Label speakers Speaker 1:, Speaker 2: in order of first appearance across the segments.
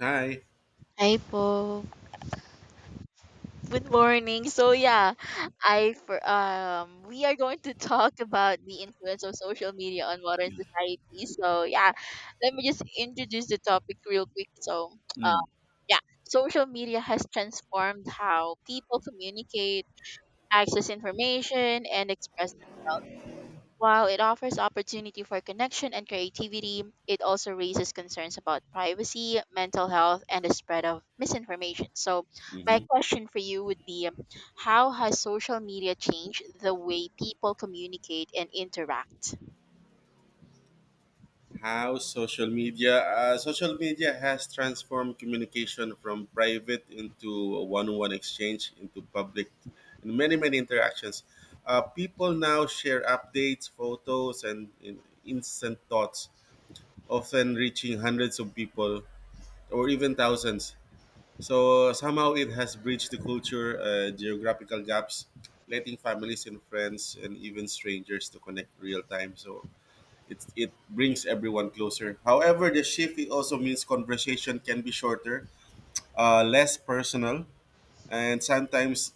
Speaker 1: Hi.
Speaker 2: Hi po. Good morning. So yeah, I for We are going to talk about the influence of social media on modern society. Let me just introduce the topic real quick. Uh,
Speaker 1: Mm,
Speaker 2: yeah, Social media has transformed how people communicate, access information, and express. While it offers opportunity for connection and creativity, it also raises concerns about privacy, mental health, and the spread of misinformation. So, my
Speaker 1: mhm.
Speaker 2: question for you would be, how has social media changed the way people communicate and interact?
Speaker 1: How social media? Social media has transformed communication from private into a one-on-one exchange into public, and many interactions. People now share updates, photos, and in instant thoughts, often reaching hundreds of people or even thousands. So somehow it has bridged the culture, geographical gaps, letting families and friends and even strangers to connect real time. So it brings everyone closer. However, the shift it also means conversation can be shorter, less personal, and sometimes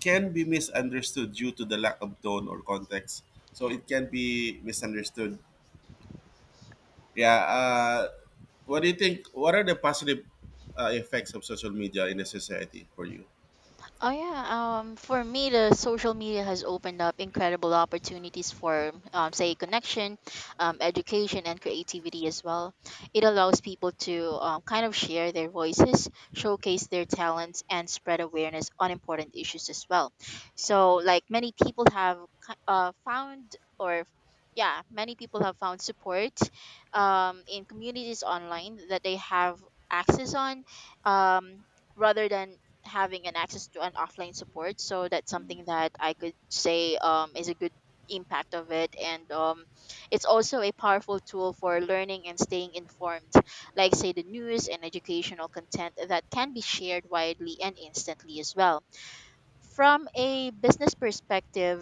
Speaker 1: can be misunderstood due to the lack of tone or context. So
Speaker 2: Yeah.
Speaker 1: it can be misunderstood. Yeah. What do you think? What are the positive effects of social media in a society for you?
Speaker 2: Oh yeah, for me, the social media has opened up incredible opportunities for, say, connection, education, and creativity as well. It allows people to kind of share their voices, showcase their talents, and spread awareness on important issues as well. So, like, many people have ki- found, or yeah, many people have found support, in communities online that they have access on. Um, Rather than having an access to an offline support, so that's something that I could say, is a good impact of it. And it's also a powerful tool for learning and staying informed, like, say, the news and educational content that can be shared widely and instantly as well. From a business perspective,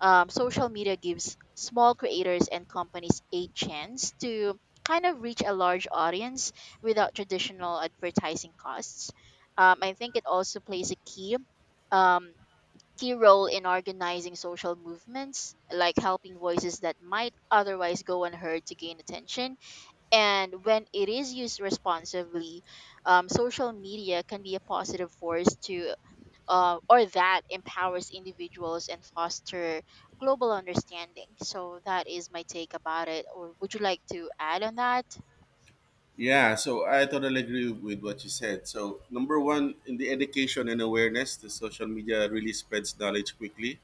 Speaker 2: social media gives small creators and companies a chance to kind of reach a large audience without traditional advertising costs. I think it also plays a um, key role in organizing social movements, like helping voices that might otherwise go unheard to gain attention. And when it is used responsibly, social media can be a positive force to or that empowers individuals and foster global understanding. So that is my take about it. Or would you like to add on that?
Speaker 1: Yeah, so I totally agree with what you said. So, number one, in the education and awareness, the social media really spreads knowledge quickly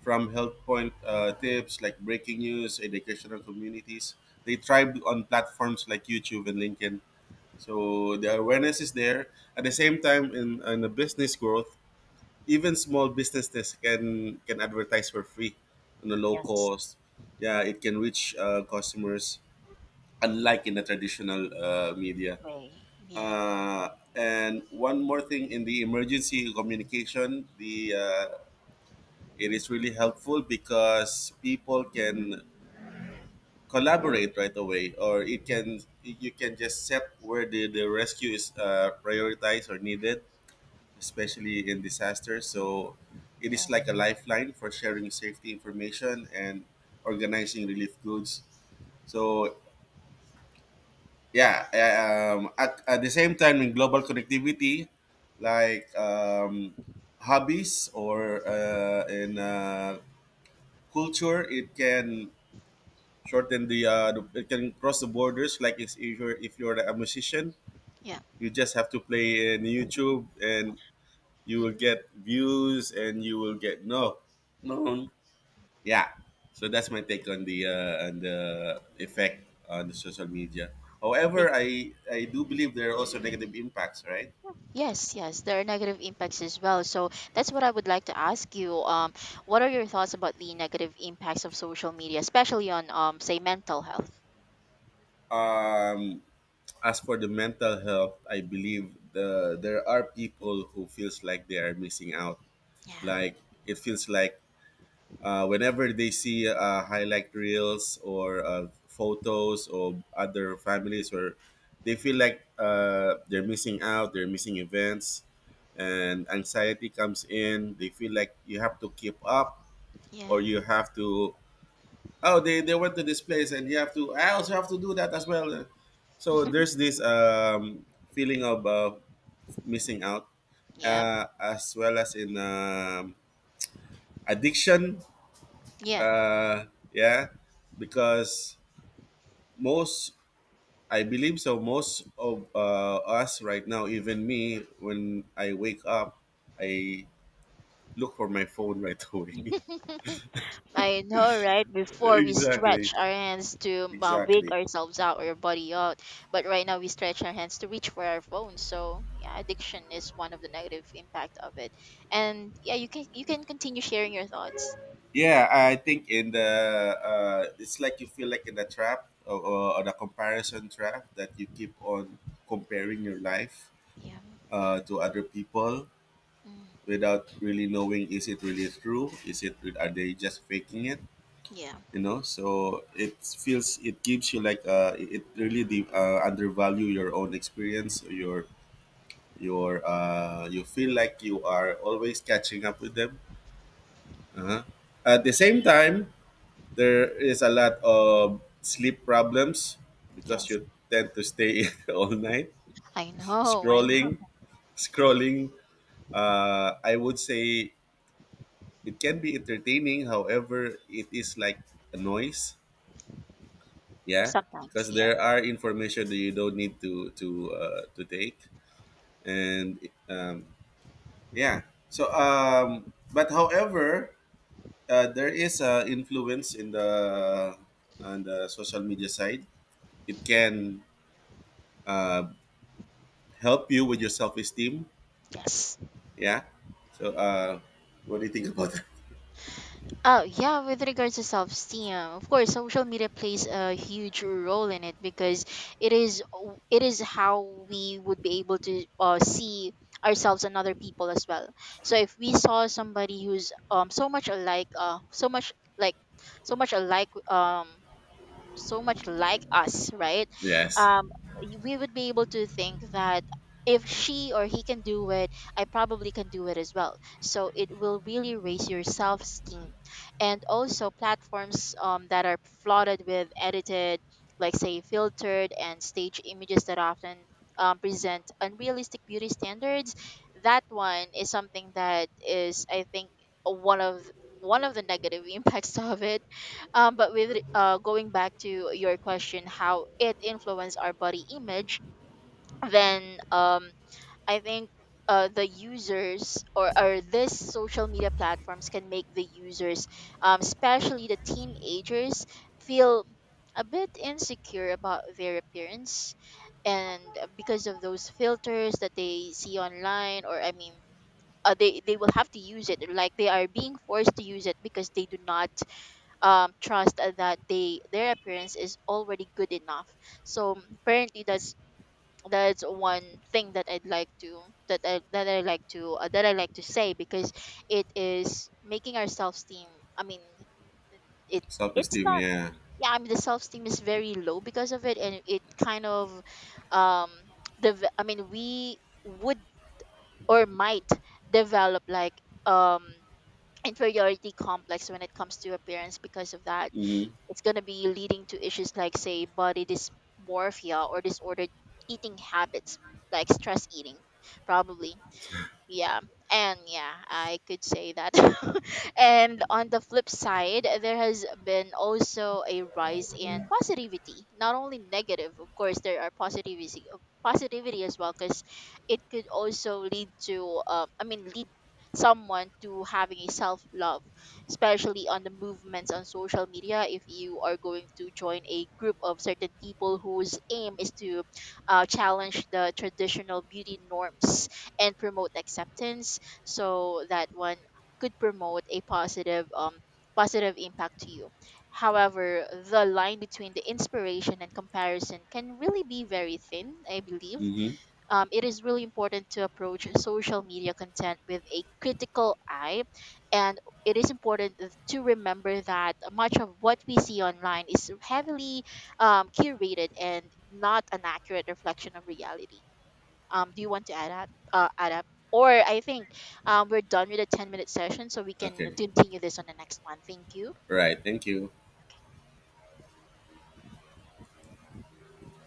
Speaker 1: from health point tips like breaking news, educational communities. They thrive on platforms like YouTube and LinkedIn. So, the awareness is there. At the same time, in the business growth, even small businesses can advertise for free on a low
Speaker 2: Yes,
Speaker 1: cost. Yeah, it can reach customers, unlike in the traditional media.
Speaker 2: way. Yeah,
Speaker 1: Uh, and one more thing in the emergency communication, the it is really helpful because people can collaborate right away, or it can you can just set where the rescue is prioritized or needed, especially in disasters. So it
Speaker 2: yeah,
Speaker 1: is like a lifeline for sharing safety information and organizing relief goods. So yeah, at the same time in global connectivity like hobbies or in culture it can shorten the it can cross the borders like if you're, if you're a musician
Speaker 2: yeah.
Speaker 1: you just have to play in youtube and you will
Speaker 2: Mm.
Speaker 1: get views and you will get no known. Yeah, so that's my take on the effect on the social media.
Speaker 2: I
Speaker 1: However,
Speaker 2: think
Speaker 1: I do believe there are also negative impacts, right?
Speaker 2: yes, yes, there are negative impacts as well. So that's what I would like to ask you. What are your thoughts about the negative impacts of social media, especially on, say, mental health?
Speaker 1: um as for the mental health, I believe there are people who feels like they are missing out,
Speaker 2: Yeah,
Speaker 1: like it feels like whenever they see highlight reels or photos of other families or they feel like they're missing out, they're missing events, and anxiety comes in. They feel like you have to keep up or
Speaker 2: yeah,
Speaker 1: you have to, oh, they went to this place and you have to, I also have to do that as well. So there's this feeling of missing out,
Speaker 2: yeah,
Speaker 1: as well as in addiction.
Speaker 2: yeah.
Speaker 1: uh yeah because most, I believe so most of us right now, even me, when I wake up I look for my phone right away.
Speaker 2: I know, right? Before we
Speaker 1: Exactly,
Speaker 2: stretch our hands to wig
Speaker 1: exactly.
Speaker 2: ourselves out or body out, but right now we stretch our hands to reach for our phone. So yeah, addiction is one of the negative impact of it. And yeah, you can continue sharing your thoughts.
Speaker 1: Yeah, I think in the it's like you feel like in the trap, or the comparison trap, that you keep on comparing your life
Speaker 2: Yeah.
Speaker 1: to other people
Speaker 2: Mm,
Speaker 1: without really knowing, is it really true, is it, are they just faking it,
Speaker 2: yeah.
Speaker 1: you know? So it feels, it gives you like it really undervalue your own experience or your you feel like you are always catching up with them. Uh-huh. At the same time, there is a lot of sleep problems because
Speaker 2: Yes.
Speaker 1: you tend to stay all night
Speaker 2: I know. I
Speaker 1: scrolling,
Speaker 2: know.
Speaker 1: scrolling. I would say it can be entertaining, however it is like a noise. Yeah,
Speaker 2: Sometimes.
Speaker 1: because
Speaker 2: Yeah.
Speaker 1: there are information that you don't need to to take. And um, yeah so um but however, there is influence in the on the social media side. It can uh, help you with your self-esteem.
Speaker 2: Yes.
Speaker 1: Yeah. So, what do you think about that?
Speaker 2: Oh, yeah, with regards to self esteem, of course, social media plays a huge role in it because it is how we would be able to see ourselves and other people as well. So if we saw somebody who's so much alike, so much like so much alike so much like us, right?
Speaker 1: Yes.
Speaker 2: Um, we would be able to think that if she or he can do it, I probably can do it as well. So it will really raise your self esteem. And also, platforms, that are flooded with edited, like, say, filtered and staged images that often, present unrealistic beauty standards. That one is something that is, I think, one of one of the negative impacts of it. But with going back to your question, how it influenced our body image, then, I think the users, or this social media platforms can make the users, especially the teenagers, feel a bit insecure about their appearance, and because of those filters that they see online, or I mean. They will have to use it, like they are being forced to use it because they do not, trust that they their appearance is already good enough. So apparently that's one thing that I'd like to that I like to say because it is making our self esteem. I mean, it, it's
Speaker 1: Self-esteem,
Speaker 2: not.
Speaker 1: yeah.
Speaker 2: Yeah, I mean the self esteem is very low because of it, and it kind of, um the I mean we would or might develop like, um inferiority complex when it comes to appearance because of that.
Speaker 1: Mm-hmm.
Speaker 2: It's going to be leading to issues like, say, body dysmorphia or disordered eating habits, like stress eating, probably. Yeah. And yeah, I could say that. And on the flip side, there has been also a rise in positivity, not only negative. Of course, there are positivity as well, because it could also lead to, I mean, lead someone to having a self love, especially on the movements on social media, if you are going to join a group of certain people whose aim is to challenge the traditional beauty norms and promote acceptance, so that one could promote a positive impact to you. However, the line between the inspiration and comparison can really be very thin, I believe.
Speaker 1: Mm-hmm.
Speaker 2: It is really important to approach social media content with a critical eye, and it is important to remember that much of what we see online is heavily, curated and not an accurate reflection of reality. Do you want to add up? Add up. Or I think, we're done with the 10-minute session, so we can
Speaker 1: Okay,
Speaker 2: continue this on the next one. Thank you.
Speaker 1: right, thank you.
Speaker 2: Okay.